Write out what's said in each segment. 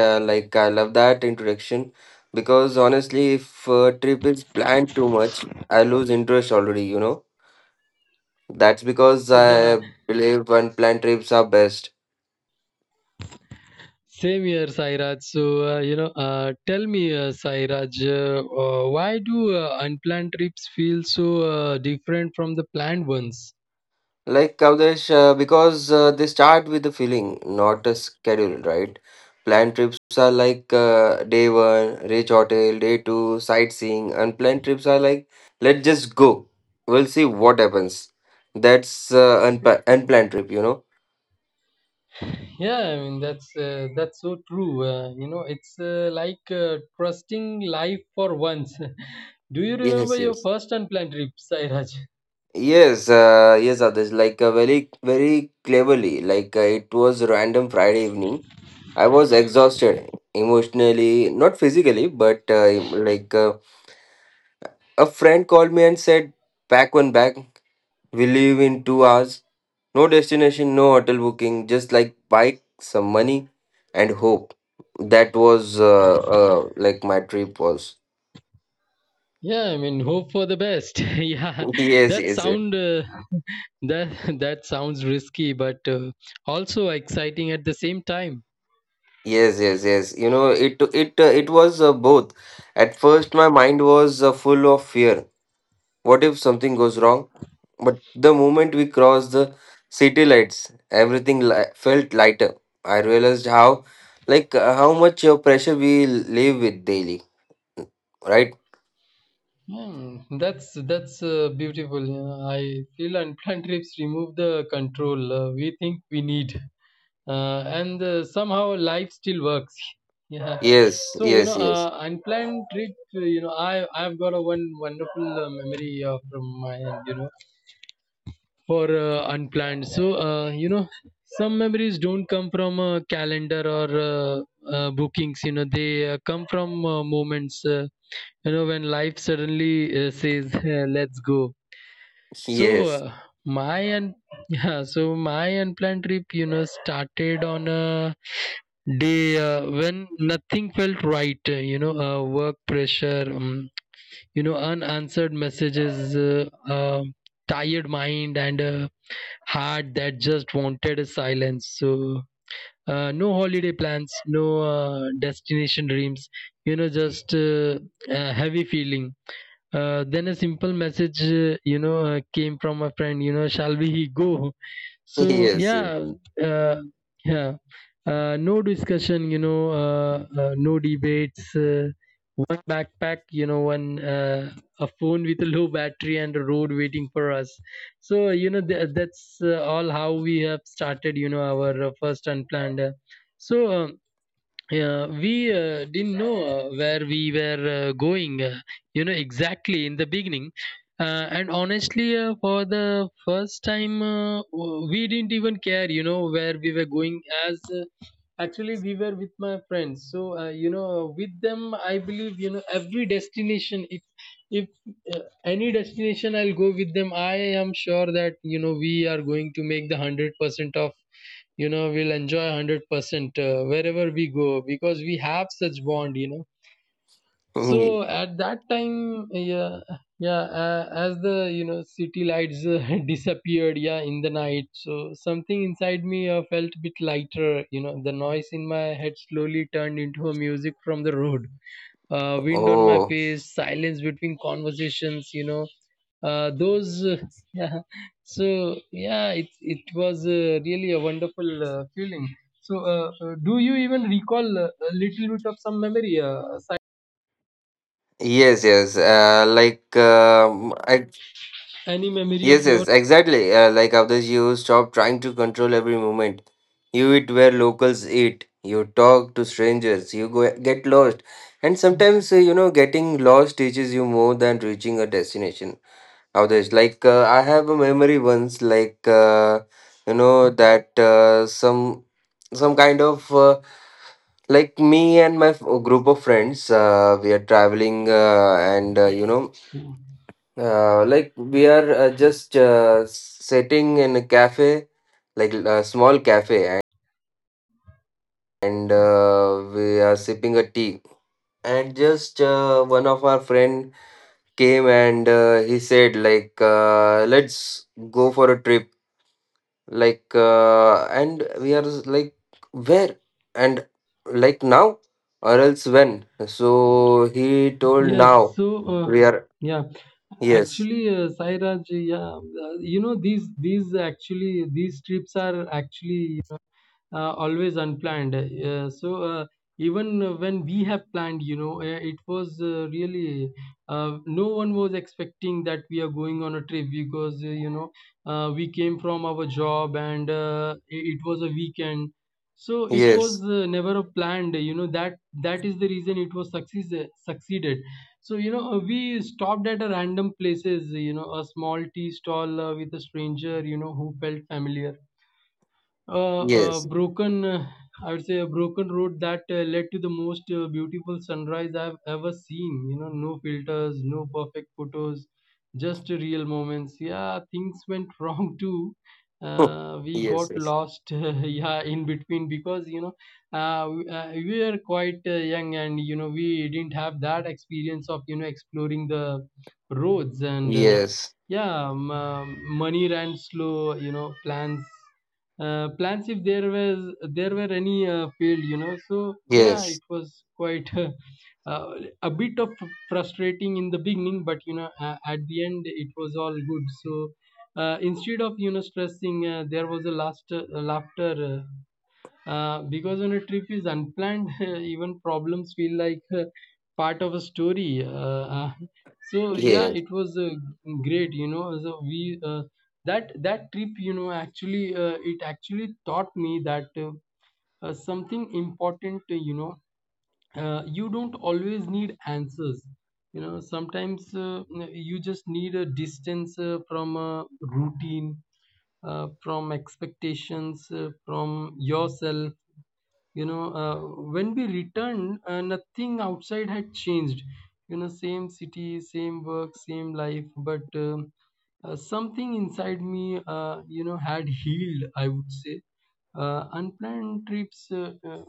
Like I love that introduction because honestly, if trip is planned too much, I lose interest already. That's because Yeah, I believe unplanned trips are best. same here, Sairaj. So, tell me, Sairaj, why do unplanned trips feel so different from the planned ones? Like Avdesh, because they start with a feeling, not a schedule, right? Planned trips are like day one, reach hotel, day two, sightseeing. Unplanned trips are like, let's just go. We'll see what happens. That's unplanned trip. Yeah, I mean that's so true. You know, it's like trusting life for once. Do you remember Yes, your yes. first unplanned trip, Sairaj? Yes, yes, others like very, very cleverly. Like it was random Friday evening. I was exhausted emotionally, not physically, but like a friend called me and said, "Pack one bag. We leave in 2 hours. No destination, no hotel booking. Just like bike, some money, and hope." That was like my trip was. Yeah, I mean, hope for the best. Yeah, Yes, that yes, yes. sound uh, that that sounds risky, but also exciting at the same time. Yes, yes, yes. It was both. At first, my mind was full of fear. What if something goes wrong? But the moment we crossed the city lights, everything li felt lighter. I realized how much pressure we live with daily, right? That's beautiful. I feel unplanned trips remove the control we think we need, and somehow life still works. Yeah. Yes, So you yes, know, yes, unplanned trip. You know, I've got a one wonderful memory from my end. You know, for unplanned. So you know, some memories don't come from a calendar or bookings. You know, they come from moments. You know, when life suddenly says, let's go. So yes, uh, my and yeah so my unplanned trip, you know, started on a day when nothing felt right, work pressure, you know, unanswered messages, um tired mind, and a heart that just wanted a silence. So no holiday plans, no destination dreams, you know, just a heavy feeling. Then a simple message, came from a friend, you know, shall we go? So yes, yes. Uh, yeah, no discussion, no debates, one backpack, you know, one a phone with a low battery, and a road waiting for us. So you know, that's all how we have started. You know, our first unplanned. So. um yeah, we didn't know where we were going, you know, exactly in the beginning. And honestly, for the first time, we didn't even care, you know, where we were going. As Actually, we were with my friends, so you know, with them, I believe, you know, every destination, if uh, any destination I'll go with them, I am sure that you know we are going to make the 100% of, you know, we'll enjoy 100% wherever we go, because we have such bond, you know. So at that time, yeah, yeah, as the, you know, city lights disappeared, yeah, in the night. So something inside me felt a bit lighter. You know, the noise in my head slowly turned into a music from the road. Wind on my Oh, face, silence between conversations. You know, those. Yeah. So yeah, it was really a wonderful feeling. So, do you even recall a little bit of some memory, yes, yes. Like, I any memory of Yes, your? yes, exactly. Like others, you stop trying to control every moment. You eat where locals eat. You talk to strangers. You go, get lost. And sometimes, getting lost teaches you more than reaching a destination. Others, like I have a memory once, like that some kind of like me and my group of friends, we are traveling, Yeah. Like we are just sitting in a cafe, like a small cafe, and we are sipping a tea. And just one of our friend came and he said like, "Let's go for a trip." Like, and we are like, "Where?" And like now, or else when? So he told Yes. now. So, We are yeah, Yes, actually, Sairaj, yeah, you know, these trips are actually always unplanned. Even when we have planned, you know, it was really, no one was expecting that we are going on a trip, because you know we came from our job, and it was a weekend. So it yes, was never a planned, you know, that is the reason it was success succeeded. So you know, we stopped at a random places, you know, a small tea stall with a stranger, you know, who felt familiar, yes, broken I would say a broken road that led to the most beautiful sunrise I've ever seen. You know, no filters, no perfect photos, just real moments. Yeah, things went wrong too. We got yes, yes, lost, yeah, in between, because you know we were quite young, and you know we didn't have that experience of, you know, exploring the roads. And yes. yeah. Money ran slow, you know, plans, if there were any, failed, you know. So yeah, it Yes, was quite uh, a bit of frustrating in the beginning, but you know, at the end it was all good. So instead of, you know, stressing, there was a last laughter, because when a trip is unplanned, even problems feel like part of a story. Uh, so yeah, yes, it was great. You know, so we, that trip, you know, actually taught me that something important. You know, you don't always need answers. You know, sometimes you just need a distance from a routine, from expectations, from yourself. You know, when we returned, nothing outside had changed. You know, same city, same work, same life, but something inside me, you know, had healed, I would say. Unplanned trips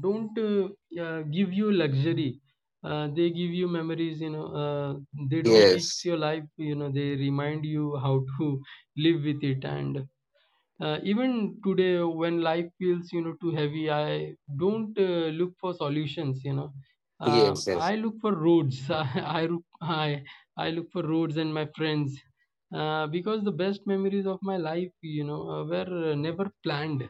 don't give you luxury. They give you memories, you know, they don't fix yes, your life, you know, they remind you how to live with it. And even today, when life feels, you know, too heavy, I don't look for solutions. You know, yes, I look for roads. I look for roads and my friends, because the best memories of my life, you know, were never planned,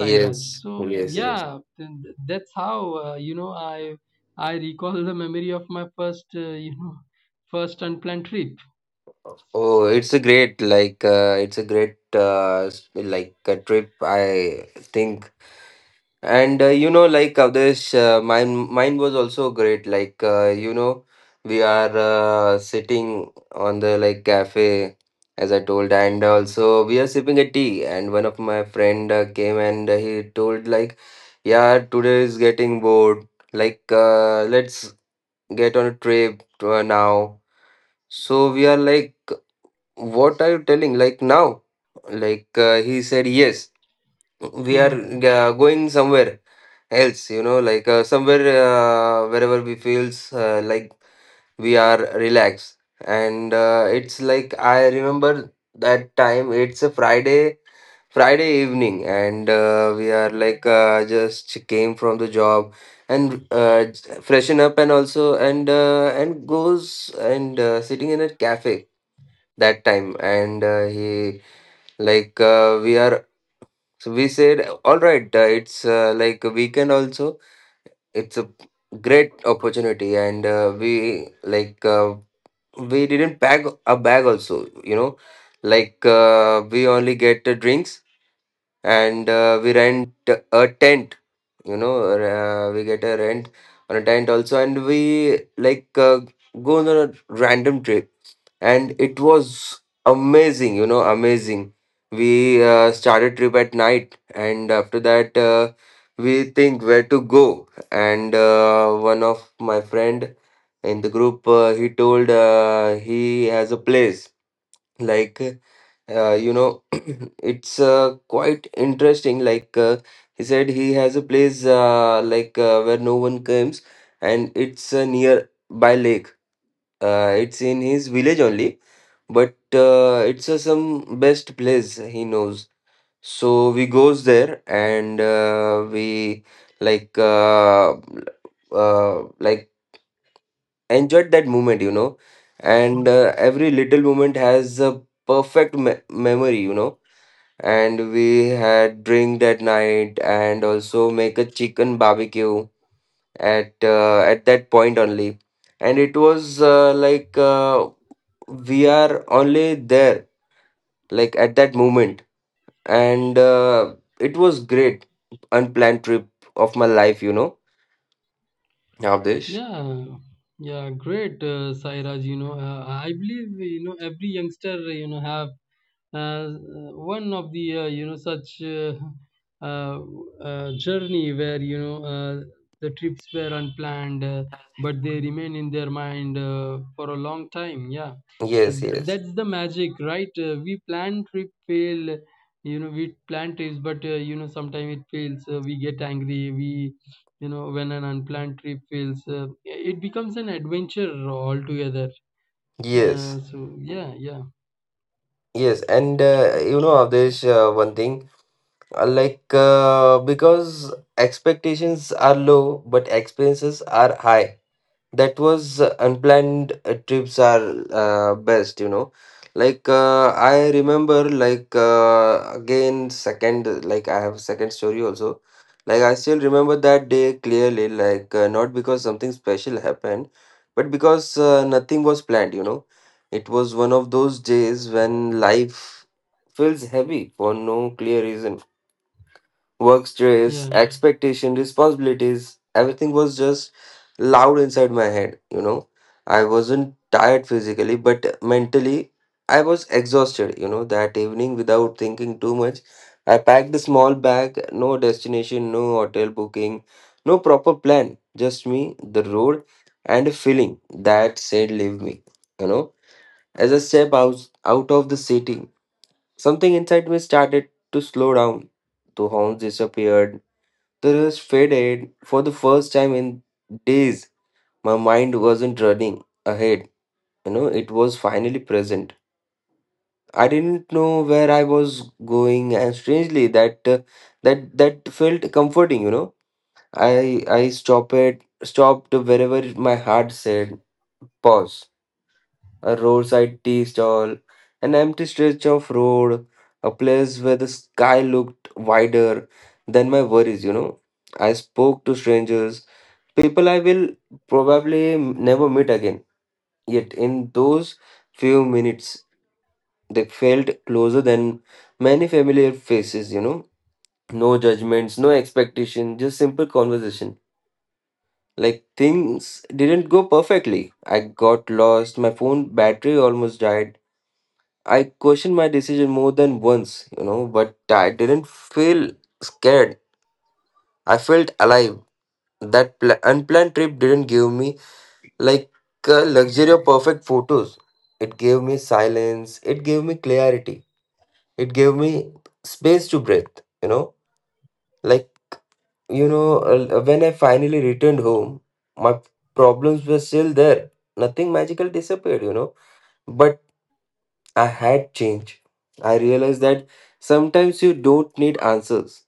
Sairaj. yes, So yes, yes. yeah, that's how you know I recall the memory of my first you know first unplanned trip. Oh, it's a great like a trip. I think. And like Avdesh, mine was also great. Like we are sitting on the like cafe, as I told, and also we are sipping a tea. And one of my friend came and he told like, "Yeah, today is getting bored. Like, let's get on a trip now." So we are like, "What are you telling? Like now?" Like he said, "Yes, we are going somewhere." Else, like somewhere wherever we feels like we are relaxed. And it's like I remember that time, it's a Friday evening. And we are like just came from the job and freshen up, and also and goes and sitting in a cafe that time. And he like we are so we said all right, it's like a weekend also, it's a great opportunity. And we didn't pack a bag also. Like we only get the drinks, and we rent a tent. We get a rent on a tent also, and we like go on a random trip, and it was amazing, amazing. We started trip at night, and after that, we think where to go. And one of my friend in the group, he has a place. Like uh, you know it's quite interesting. Like he said he has a place where no one comes, and it's near by lake. It's in his village only, but it's a some best place he knows. So we goes there, and we like uh, like enjoyed that moment, you know. And every little moment has a perfect memory, you know. And we had drink that night, and also make a chicken barbecue at at that point only. And it was we are only there like at that moment. And it was great unplanned trip of my life, you know, Avdesh. Yeah, yeah, great, Sairaj. You know, I believe you know every youngster, you know, have one of the, you know, such uh, journey where, you know, the trips were unplanned, but they remain in their mind for a long time. Yeah. Yes, yes, That's the magic, right? We plan trip fail, you know, we plan trips, but you know, sometimes it fails. We get angry, we, you know, when an unplanned trip fails, it becomes an adventure altogether. yes, So yeah, yeah, yes. And Avdesh, one thing, because expectations are low but expenses are high. That was unplanned trips are best, you know. Like I remember, like again second, like I have second story also. Like I still remember that day clearly. Like not because something special happened, but because nothing was planned, you know. It was one of those days when life feels heavy for no clear reason. Work stress, yeah, expectation, responsibilities, everything was just loud inside my head. I wasn't tired physically, but mentally I was exhausted. That evening without thinking too much, I packed a small bag, no destination, no hotel booking, no proper plan, just me, the road, and a feeling that said, Leave me, you know. As I step out of the city, something inside me started to slow down. The horns disappeared, the rush faded for the first time in days. My mind wasn't running ahead, it was finally present. I didn't know where I was going, and strangely, that felt comforting. I stopped wherever my heart said pause. A roadside tea stall, an empty stretch of road, a place where the sky looked wider than my worries. I spoke to strangers, people I will probably never meet again. Yet in those few minutes, they felt closer than many familiar faces. No judgments, no expectation, just simple conversation. Like things didn't go perfectly. I got lost, my phone battery almost died. I questioned my decision more than once, but I didn't feel scared. I felt alive. That unplanned trip didn't give me like a luxury of perfect photos. It gave me silence, it gave me clarity, it gave me space to breathe, you know. Like, when I finally returned home, my problems were still there. Nothing magical disappeared. But I had changed. I realized that sometimes you don't need answers.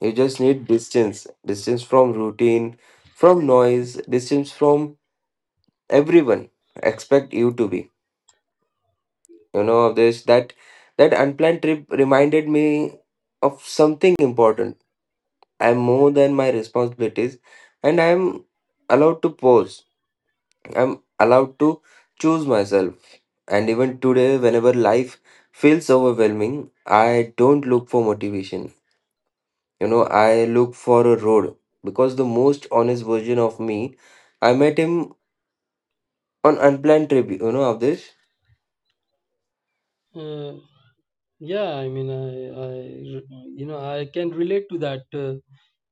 You just need distance. Distance from routine, from noise, distance from everyone expect you to be. You know of this That unplanned trip reminded me of something important. I'm more than my responsibilities, and I'm allowed to pause. I'm allowed to choose myself. And even today, whenever life feels overwhelming, I don't look for motivation, I look for a road, because the most honest version of me, I met him on unplanned trip, of this. uh, yeah, I mean, you know, I can relate to that, uh,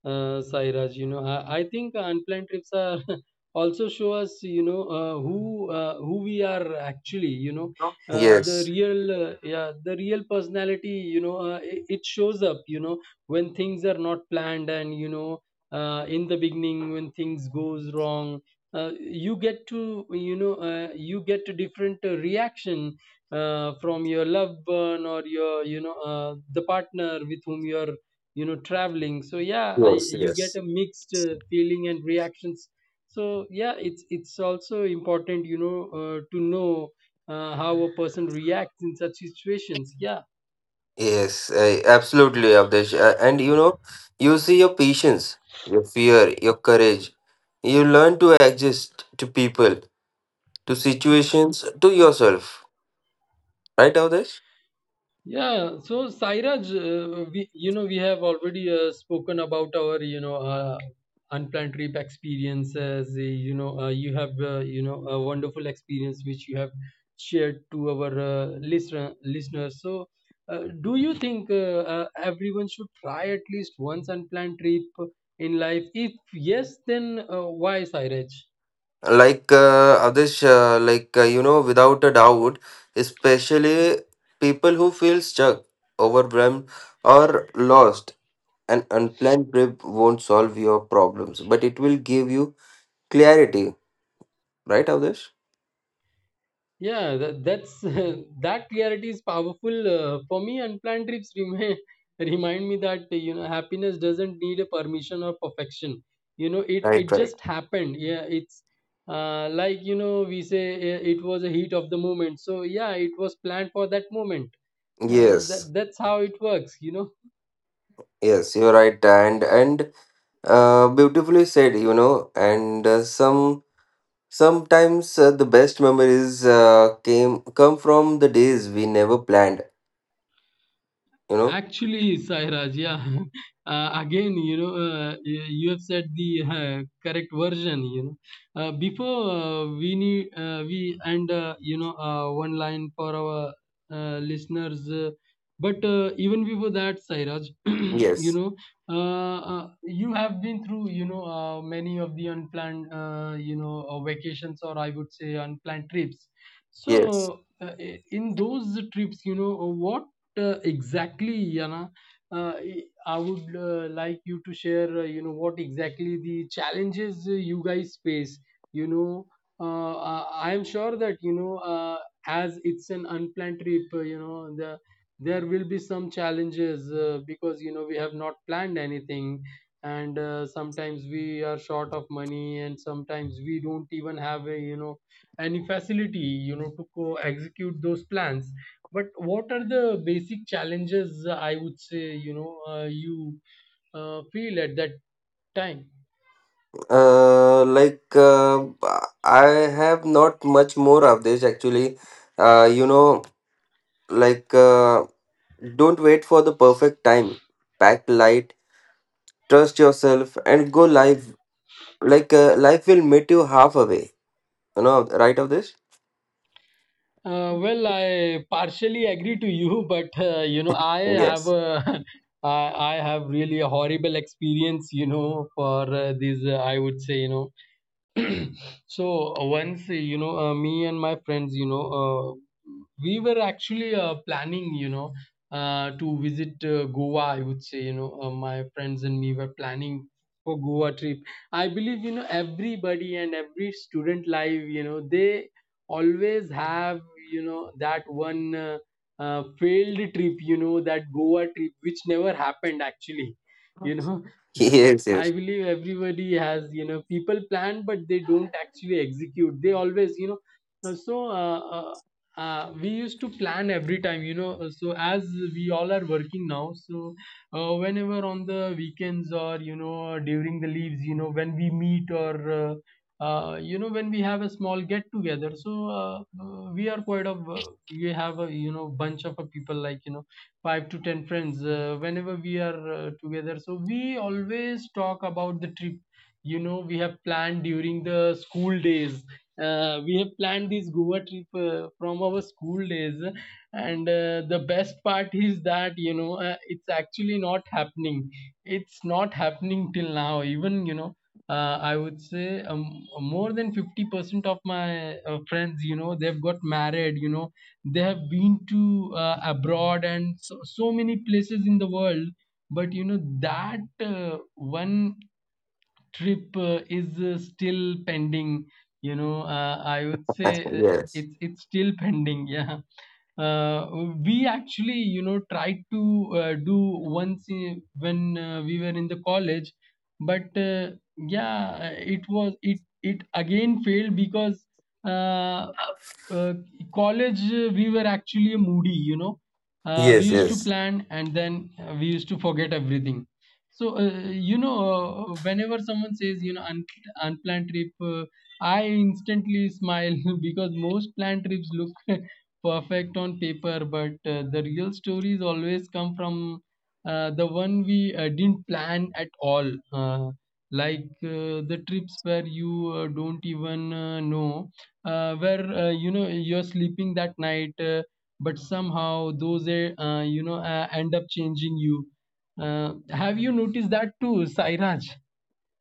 uh, Sairaj. You know, I think unplanned trips are also show us, you know, who we are actually. You know, the Yes, real, yeah, the real personality. You know, it shows up. You know, when things are not planned, and you know, in the beginning when things goes wrong. You get to, you know, you get a different reaction from your loved one or your, you know, the partner with whom you're, you know, traveling. So yeah, yes, you get yes. a mixed feeling and reactions. So yeah, it's also important, you know, to know how a person reacts in such situations. Yeah. Yes, absolutely, Abdesh. And you see your patience, your fear, your courage. You learn to adjust to people, to situations, to yourself. Right, Avdesh? Yeah, so Sairaj, we, you know, we have already spoken about our, you know, unplanned trip experiences. You know, you have, you know, a wonderful experience which you have shared to our listeners. So, do you think everyone should try at least once unplanned trip in life? If yes, then why, Sairaj? Like, Avdesh, without a doubt, especially people who feel stuck, overwhelmed, or lost, an unplanned trip won't solve your problems, but it will give you clarity. Right, Avdesh? Yeah, that's that clarity is powerful for me. Unplanned trips remind remind me that you know happiness doesn't need a permission or perfection. You know, it Right, it right. just happened. Yeah, it's like you know we say it was a heat of the moment. So yeah, it was planned for that moment. Uh, Yes. that that's how it works. You know. Yes, you're right, and beautifully said, you know. And sometimes the best memories came come from the days we never planned, you know. Actually, Sairaj, yeah. Again, you know, you have said the correct version. You know, before we need we and you know one line for our listeners. But even before that, Sairaj, you Yes, know, you have been through, you know, many of the unplanned, you know, vacations, or I would say unplanned trips. yes. So in those trips, you know, what exactly yana I would like you to share you know what exactly the challenges you guys face you know uh, i I am sure that as it's an unplanned trip you know there will be some challenges because you know we have not planned anything and sometimes we are short of money and sometimes we don't even have a any facility you know to execute those plans. But what are the basic challenges I would say, you know, you feel at that time? Uh, like uh, I have not much more of this, actually. Uh, you know, like uh, don't wait for the perfect time. Pack light, trust yourself, and go live. Like life will meet you halfway. Right of this. Well, I partially agree to you, but you know, I have Yes. a, I have really a horrible experience, you know, for these, I would say, you know. So once, you know, me and my friends, you know, we were actually planning, you know, to visit Goa. I would say, you know, my friends and me were planning for Goa trip. I believe, you know, everybody and every student life, you know, they always have, you know, that one failed trip, you know, that Goa trip, which never happened actually, you know Yes, I yes, believe everybody has, you know, people plan, but they don't actually execute. They always, you know, uh, so uh, we used to plan every time, you know. So as we all are working now, so whenever on the weekends or, you know, during the leaves, you know, when we meet or, you know, when we have a small get together, so we are quite of, we have a, you know, bunch of a people like, you know, five to ten friends whenever we are together, so we always talk about the trip. You know, we have planned during the school days, we have planned this Goa trip from our school days, and the best part is that you know it's actually not happening. It's not happening till now even. You know, I would say more than 50% of my friends, you know, they've got married, you know, they have been to abroad and so, so many places in the world. But, you know, that one trip is still pending. You know, I would say yes, it's still pending. Yeah, uh, we actually you know tried to do once when we were in the college, but yeah, it was it again failed because uh, uh, college we were actually a moody. You know, we yes, used to yes, plan and then we used to forget everything. So, you know, whenever someone says, you know, unplanned trip, I instantly smile because most planned trips look perfect on paper, but the real stories always come from the one we didn't plan at all. Like the trips where you don't even know, where, you know, you're sleeping that night, but somehow those, you know, end up changing you. Have you noticed that too, Sairaj?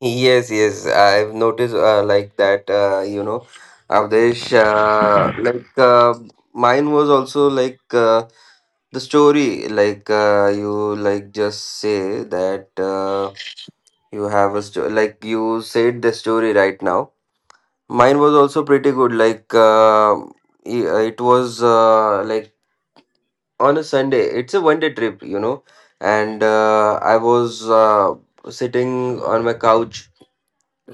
yes, yes. I've noticed like that. Avdesh. Mine was also like the story. You like just say that you have a story. Like you said the story right now. Mine was also pretty good. It was on a Sunday. It's a one day trip, you know. And I was sitting on my couch,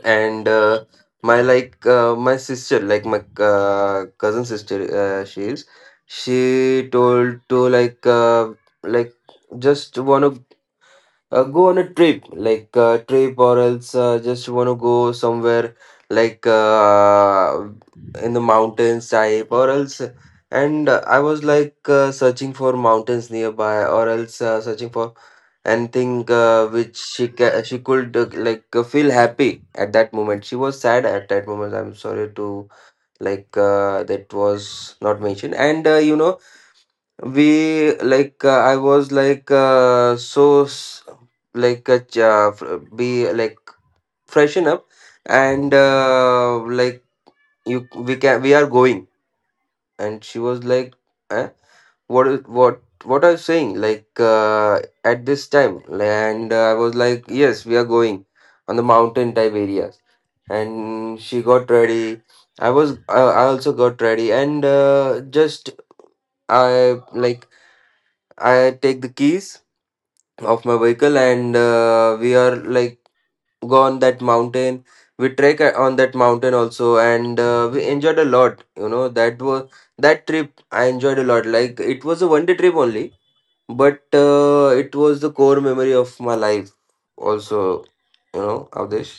and my sister, like my cousin sister, she is. She told to, like, like just wanna go on a trip, like trip, or else just want to go somewhere, like in the mountains type, or else. And I was like, searching for mountains nearby, or else searching for anything which she could like feel happy at that moment. She was sad at that moment. I'm sorry to, like, that was not mentioned. And you know, we like, I was like, so like be, like, freshen up. And like, you, we are going. And she was like, eh? What are you saying, like at this time? And I was like, yes, we are going on the mountain type areas. And she got ready. I also got ready. And just I, like, I take the keys of my vehicle, and we are, like, go on that mountain. We trek on that mountain also, and we enjoyed a lot. You know, that was that trip. I enjoyed a lot. Like, it was a one day trip only, but it was the core memory of my life also, you know, Avdesh.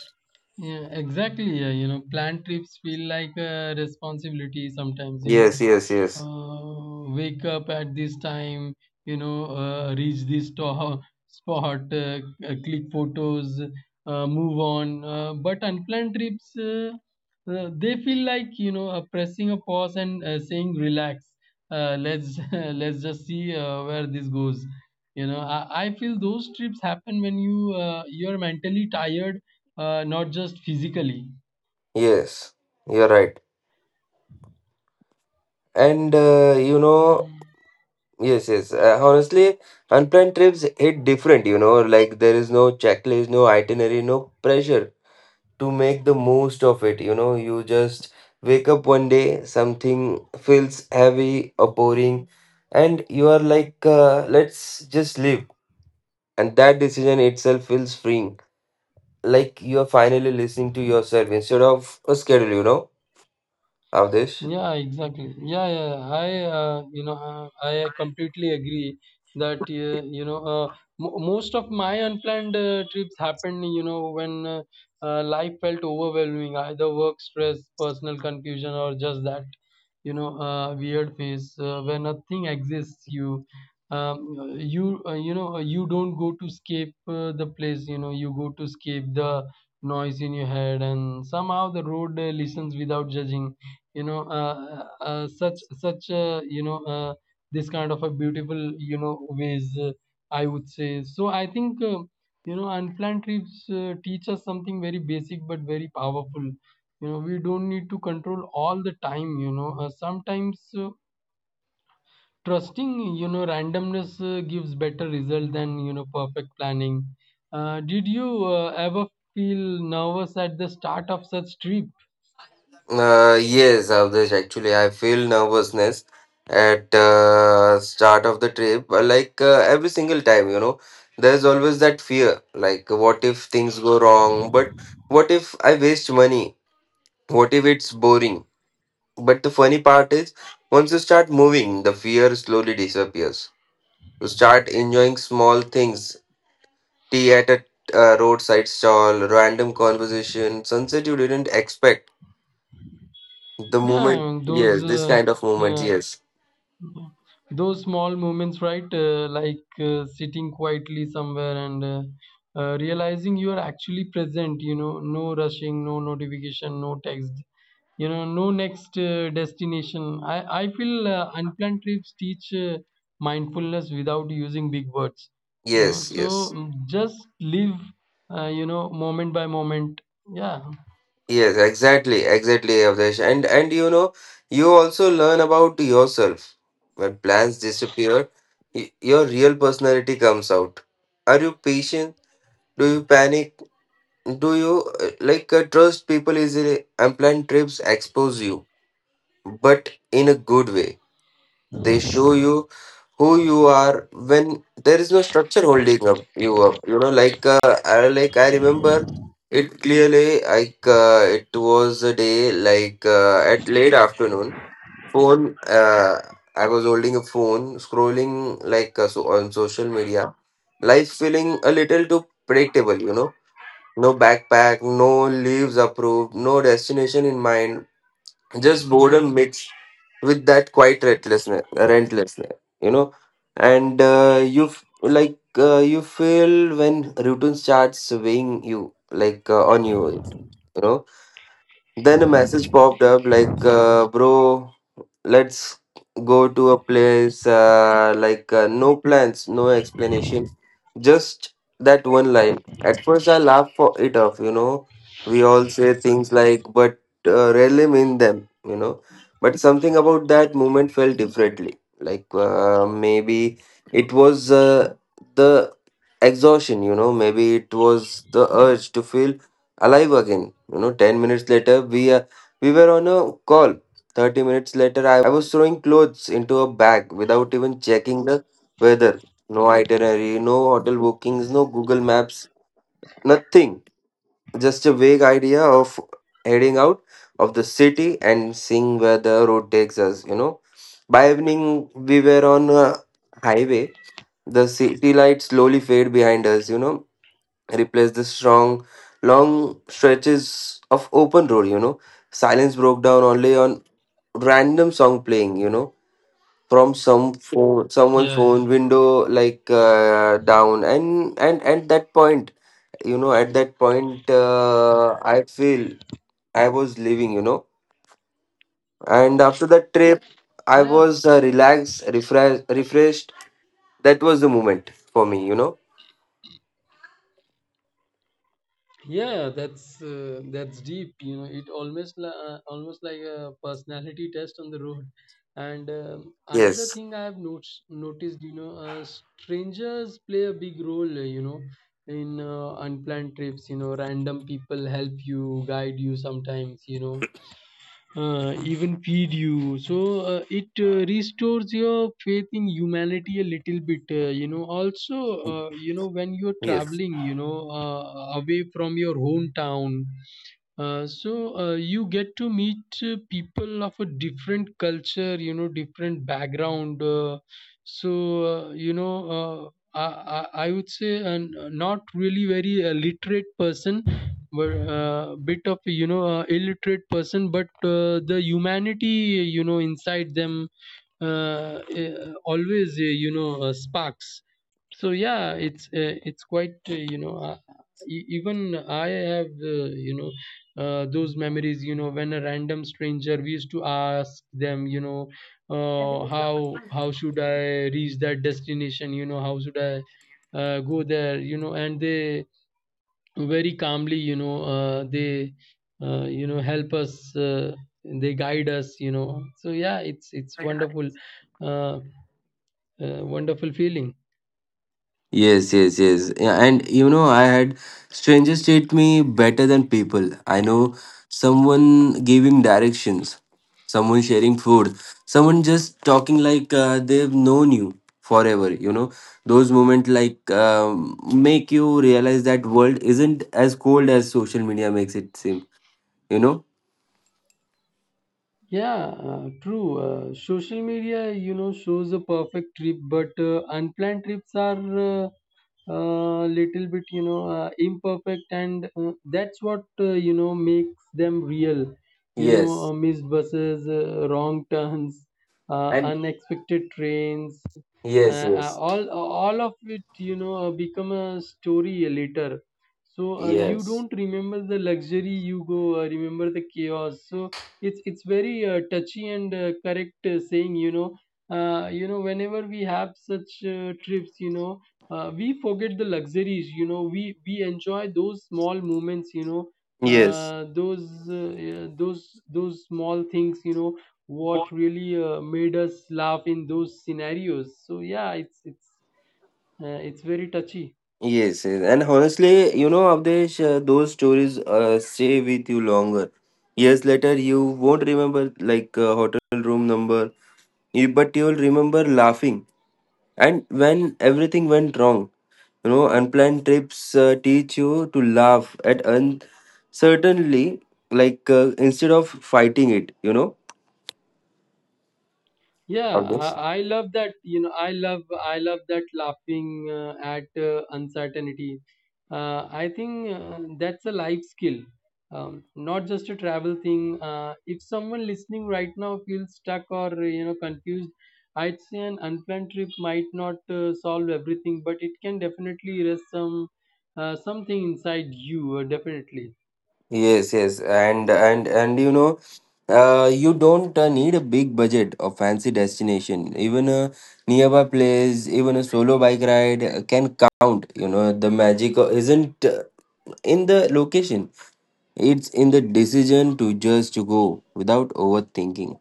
Yeah, exactly. Yeah, you know, planned trips feel like a responsibility sometimes, you know. Yes, yes, yes, Wake up at this time, you know, reach this spot, click photos, move on. But unplanned trips, they feel like, you know, pressing a pause and saying, relax. Let's let's just see where this goes. You know, I feel those trips happen when you're mentally tired, not just physically. yes. You're right. And you know. Yes, yes. Honestly, unplanned trips hit different, you know, like there is no checklist, no itinerary, no pressure to make the most of it. You know, you just wake up one day, something feels heavy or boring, and you are like, let's just live. And that decision itself feels freeing, like you are finally listening to yourself instead of a schedule, you know, Avdesh. Yeah, exactly. Yeah, yeah, yeah. I, you know, I completely agree that you know, mo most of my unplanned trips happened, you know, when life felt overwhelming, either work stress, personal confusion, or just that, you know, weird phase where nothing exists. You, um, you, you know, you don't go to escape the place. You know, you go to escape the noise in your head, and somehow the road listens without judging. You know, such such you know this kind of a beautiful, you know, ways I would say. So I think you know unplanned trips teach us something very basic but very powerful. You know, we don't need to control all the time. You know, sometimes trusting you know randomness gives better result than you know perfect planning. Did you ever feel nervous at the start of such trip? Yes, Avdesh, actually, I feel nervousness at start of the trip. Like every single time, you know, there's always that fear. Like, what if things go wrong? But what if I waste money? What if it's boring? But the funny part is, once you start moving, the fear slowly disappears. You start enjoying small things, tea at a roadside stall, random conversation, sunset you didn't expect. The moment, Yeah, those yes, this kind of moment, yeah yes. those small moments, right? Like sitting quietly somewhere and realizing you are actually present, you know, no rushing, no notification, no text, you know, no next destination. I feel unplanned trips teach mindfulness without using big words, you know, Yes, so yes, just live, you know, moment by moment. Yeah. yes, exactly, exactly, Avdesh. And you know, you also learn about yourself. When plans disappear, your real personality comes out. Are you patient? Do you panic? Do you like trust people easily? Unplanned trips expose you, but in a good way. They show you who you are when there is no structure holding up you up, you know. Like I, like, I remember it clearly. Like it was a day, like at late afternoon phone, I was holding a phone, scrolling like, so on social media, life feeling a little too predictable, you know. No backpack, no leaves approved, no destination in mind, just boredom mixed with that quiet restlessness, rentlessness, you know. And you, like, you feel when routine starts weighing you, like on you, you know. Then a message popped up, like, bro, let's go to a place, like no plans, no explanation, just that one line. At first, I laugh for it off. You know, we all say things like, but rarely mean them. You know, but something about that moment felt differently. Like maybe it was the exhaustion, you know, maybe it was the urge to feel alive again. You know, 10 minutes later, we were on a call. 30 minutes later, I was throwing clothes into a bag without even checking the weather. No itinerary, no hotel bookings, no Google Maps, nothing. Just a vague idea of heading out of the city and seeing where the road takes us, you know. By evening, we were on a highway, the city lights slowly fade behind us, you know, replace the strong, long stretches of open road, you know. Silence broke down only on random song playing, you know, from some phone, someone's Yeah, yeah. phone window, like down. And at that point, you know, at that point, I feel I was leaving, you know. And after that trip, I Yeah. was relaxed, refreshed. That was the moment for me, you know. Yeah, that's deep. You know, it almost almost like a personality test on the road. And another Yes. thing I have noticed, you know, strangers play a big role. You know, in unplanned trips. You know, random people help you, guide you sometimes. You know even feed you. So it restores your faith in humanity a little bit. You know, also, you know, when you're Yes. traveling, you know, away from your hometown, so you get to meet people of a different culture, you know, different background. So you know, uh, I, I would say and not really very literate person, but bit of you know illiterate person. But the humanity you know inside them always you know sparks. So yeah, it's quite you know. Even I have you know those memories. You know, when a random stranger, we used to ask them, you know, how should I reach that destination? You know, how should I go there? You know, and they very calmly, you know, they you know help us, they guide us. You know, so yeah, it's wonderful, uh, wonderful feeling. Yes, yes, yes. Yeah, and you know, I had strangers treat me better than people I know. Someone giving directions, someone sharing food, someone just talking like they've known you forever. You know, those moments, like, make you realize that world isn't as cold as social media makes it seem. You know? Yeah, true. Social media, you know, shows a perfect trip, but unplanned trips are little bit, you know, imperfect, and that's what you know makes them real. You know, Yes. Missed buses, wrong turns, And unexpected trains, yes, yes, all of it, you know, become a story later. So you yes, don't remember the luxury, you go, remember the chaos. So it's very touchy and correct saying. You know, you know whenever we have such trips, you know, we forget the luxuries. You know, we enjoy those small moments. You know, yes. Those those small things, you know, what really made us laugh in those scenarios. So yeah, it's very touchy. Yes, yes, and honestly, you know, Avdesh, those stories stay with you longer. Years later, you won't remember like, hotel room number, you, but you'll remember laughing. And when everything went wrong, you know, unplanned trips teach you to laugh at uncertainly, like instead of fighting it, you know. Yeah, I love that. You know, I love that laughing at uncertainty. I think that's a life skill, not just a travel thing. If someone listening right now feels stuck or you know confused, I'd say an unplanned trip might not solve everything, but it can definitely erase some something inside you. Definitely. Yes, yes, and you know, you don't need a big budget or fancy destination. Even a nearby place, even a solo bike ride can count. You know, the magic isn't in the location; it's in the decision to just to go without overthinking.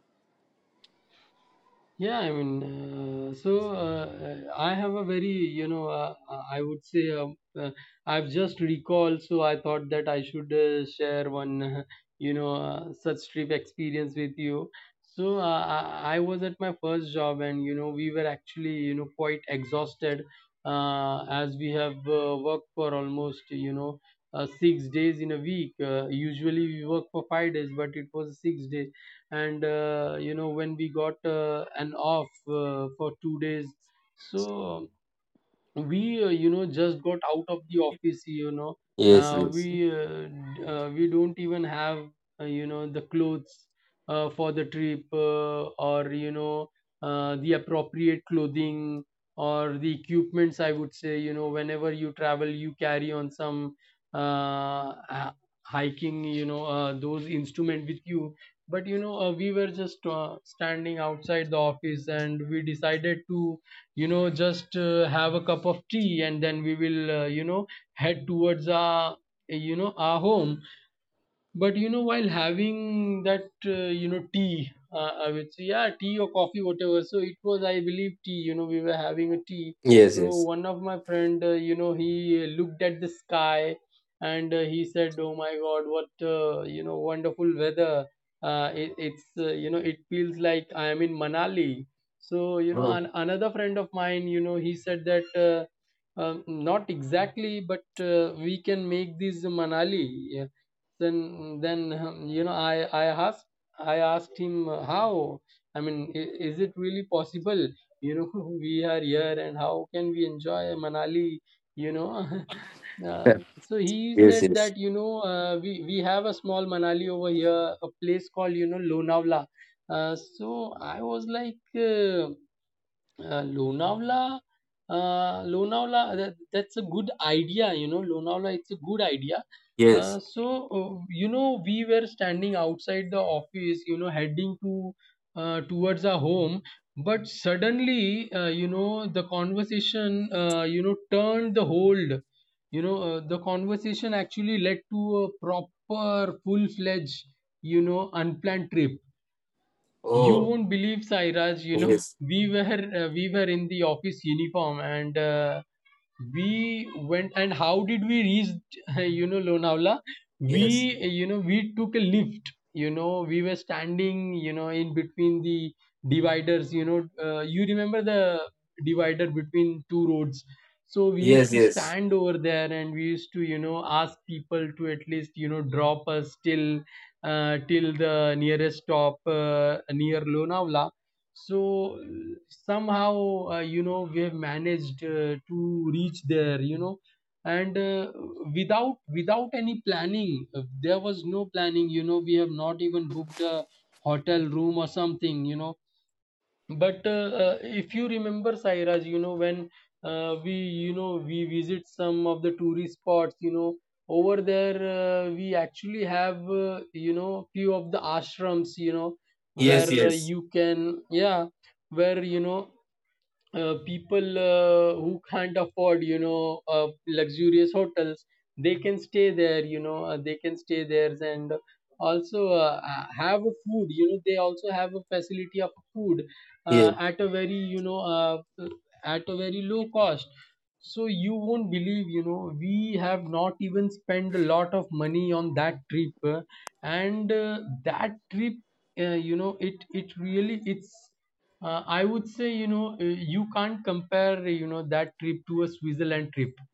Yeah, I mean, I have a very, you know, I would say I've just recalled, so I thought that I should share one, you know, such trip experience with you. So I was at my first job, and you know, we were actually, you know, quite exhausted as we have worked for almost, you know, 6 days in a week. Usually we work for 5 days, but it was a 6 days and you know when we got an off for 2 days, so we you know just got out of the office. You know, Yes, yes, we we don't even have you know the clothes for the trip or you know the appropriate clothing or the equipments. I would say, you know, whenever you travel you carry on some uh, h- hiking you know those instrument with you. But you know we were just standing outside the office, and we decided to you know just have a cup of tea and then we will you know head towards our you know our home. But you know, while having that, you know, tea, I would say, yeah, tea or coffee, whatever. So it was, I believe, tea. You know, we were having a tea. yes, So yes. one of my friend, he looked at the sky, and he said, "Oh my God, what, wonderful weather! It, it's, you know, it feels like I am in Manali." So Oh. another friend of mine, he said that. Not exactly, but we can make this Manali. Yeah, then you know I asked him, how, I mean, is it really possible, you know we are here and how can we enjoy Manali, you know uh, so he Yes, said yes, that, we have a small Manali over here, a place called, Lonavala. So I was like, Lonavala, Lonavala, that's a good idea. Lonavala, it's a good idea. Uh, yes. so, we were standing outside the office, heading to towards our home, but suddenly, the conversation, turned the hold. The conversation actually led to a proper, full-fledged, unplanned trip, you Oh, won't believe, Sairaj. Yes, we were in the office uniform, and we went. And how did we reach? Lonavala. yes, We took a lift. We were standing. In between the dividers. You remember the divider between two roads. So we used yes, to yes, stand over there, and we used to ask people to at least drop us till the nearest stop near Lonavala. So somehow, we have managed to reach there, and without any planning. There was no planning. We have not even booked a hotel room or something, you know but If you remember, Sairaj, when we visit some of the tourist spots, over there, we actually have, few of the ashrams, yes, where, yes, you can, yeah, where, people, who can't afford, luxurious hotels, they can stay there. They can stay there, and also have a food. They also have a facility of food, yes, at a very, low cost. So you won't believe, we have not even spent a lot of money on that trip. And That trip, it it really it's I would say, you can't compare, that trip to a Switzerland trip,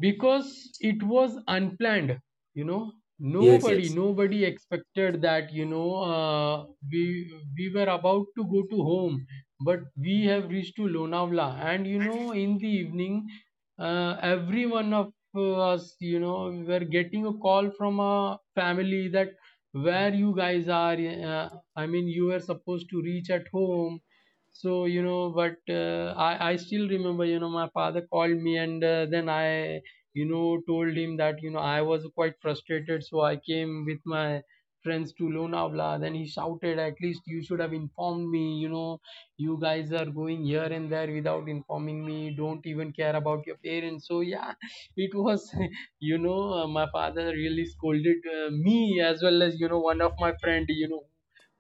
because it was unplanned. you know yes, nobody yes, nobody expected that. We we were about to go to home, but we have reached to Lonavla. And in the evening, every one of us, we were getting a call from a family that, where you guys are? uh, I mean, you were supposed to reach at home. So but I still remember, my father called me, and then I, told him that, I was quite frustrated, so I came with my friends to Lonavala. Then he shouted, at least you should have informed me. You guys are going here and there without informing me, don't even care about your parents. So, yeah, it was, my father really scolded me, as well as, one of my friend,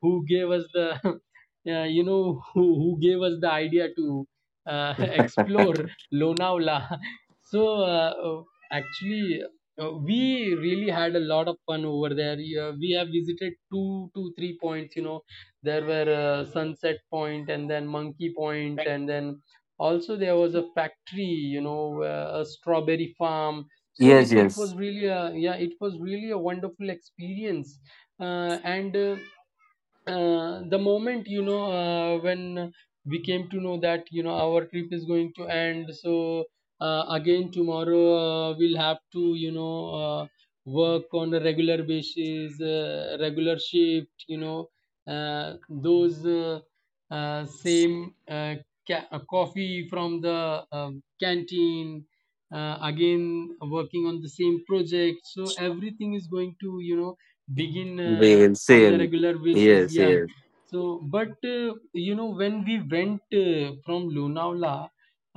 who gave us the, who gave us the idea to explore Lonavala. So, uh, Actually, we really had a lot of fun over there. Yeah, we have visited two to three points. There were Sunset Point, and then Monkey Point, and then also there was a factory. A strawberry farm. So it, yes, it was yes. really a, yeah, it was really a wonderful experience. And The moment, when we came to know that, our trip is going to end. So again tomorrow, we'll have to, work on a regular basis, regular shift, those same coffee from the canteen, again working on the same project, so everything is going to begin Well, on the same. regular basis. Yes, Yeah, yes, so but when we went from Lonavala,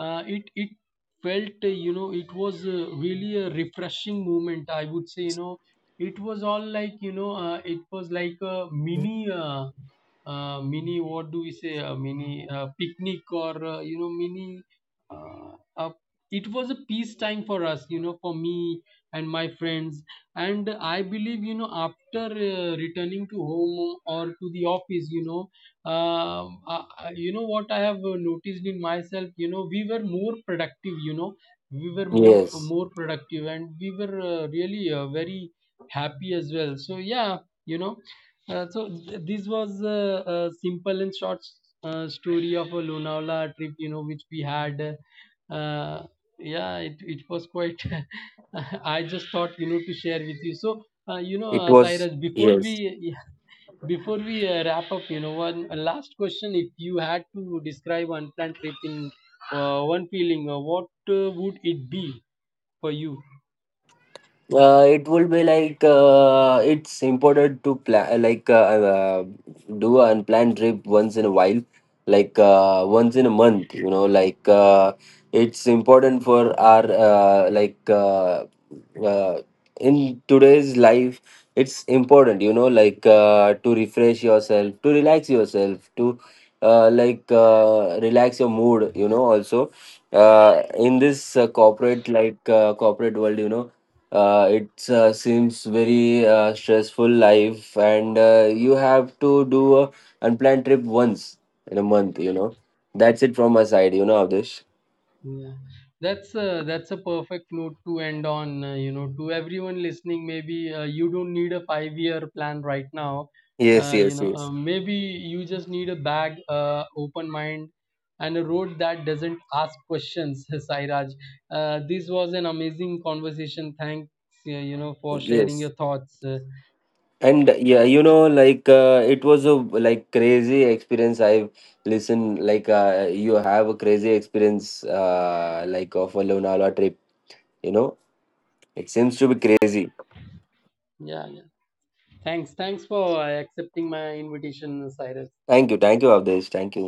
it felt, it was, really a refreshing moment, I would say. It was all like, it was like a mini, mini, what do we say, a mini, picnic or you know mini uh, uh, it was a peace time for us, for me and my friends. And I believe, after returning to home or to the office, uh, uh, you know what I have noticed in myself, we were more productive, we were more yes. more productive, and we were really, very happy as well. So yeah, you know, this was a simple and short story of a Lonavala trip, which we had. Uh, yeah, it was quite. I just thought, to share with you. It was, Cyrus, before yes. we before we wrap up, one last question: If you had to describe unplanned trip in one feeling, what would it be for you? It would be like, it's important to plan. Like uh, do an unplanned trip once in a while, like once in a month, you know. Like it's important for our like uh, in today's life, it's important, you know, like to refresh yourself, to relax yourself, to like relax your mood, you know. Also, in this corporate, like corporate world, you know, it seems very stressful life. And you have to do a unplanned trip once in a month, you know. That's it from my side, you know, Avdish. Yeah, that's a perfect note to end on. To everyone listening, maybe you don't need a 5-year plan right now. Yes, yes, yes, Maybe you just need a bag, open mind, and a road that doesn't ask questions. Sairaj, this was an amazing conversation. Thanks, for sharing yes. your thoughts. And yeah, you know, like it was a, like, crazy experience. I've listened, like you have a crazy experience, like, of a Lonala trip, you know. It seems to be crazy. Yeah, yeah. Thanks for accepting my invitation, Cyrus. Thank you, thank you, Avdish, thank you.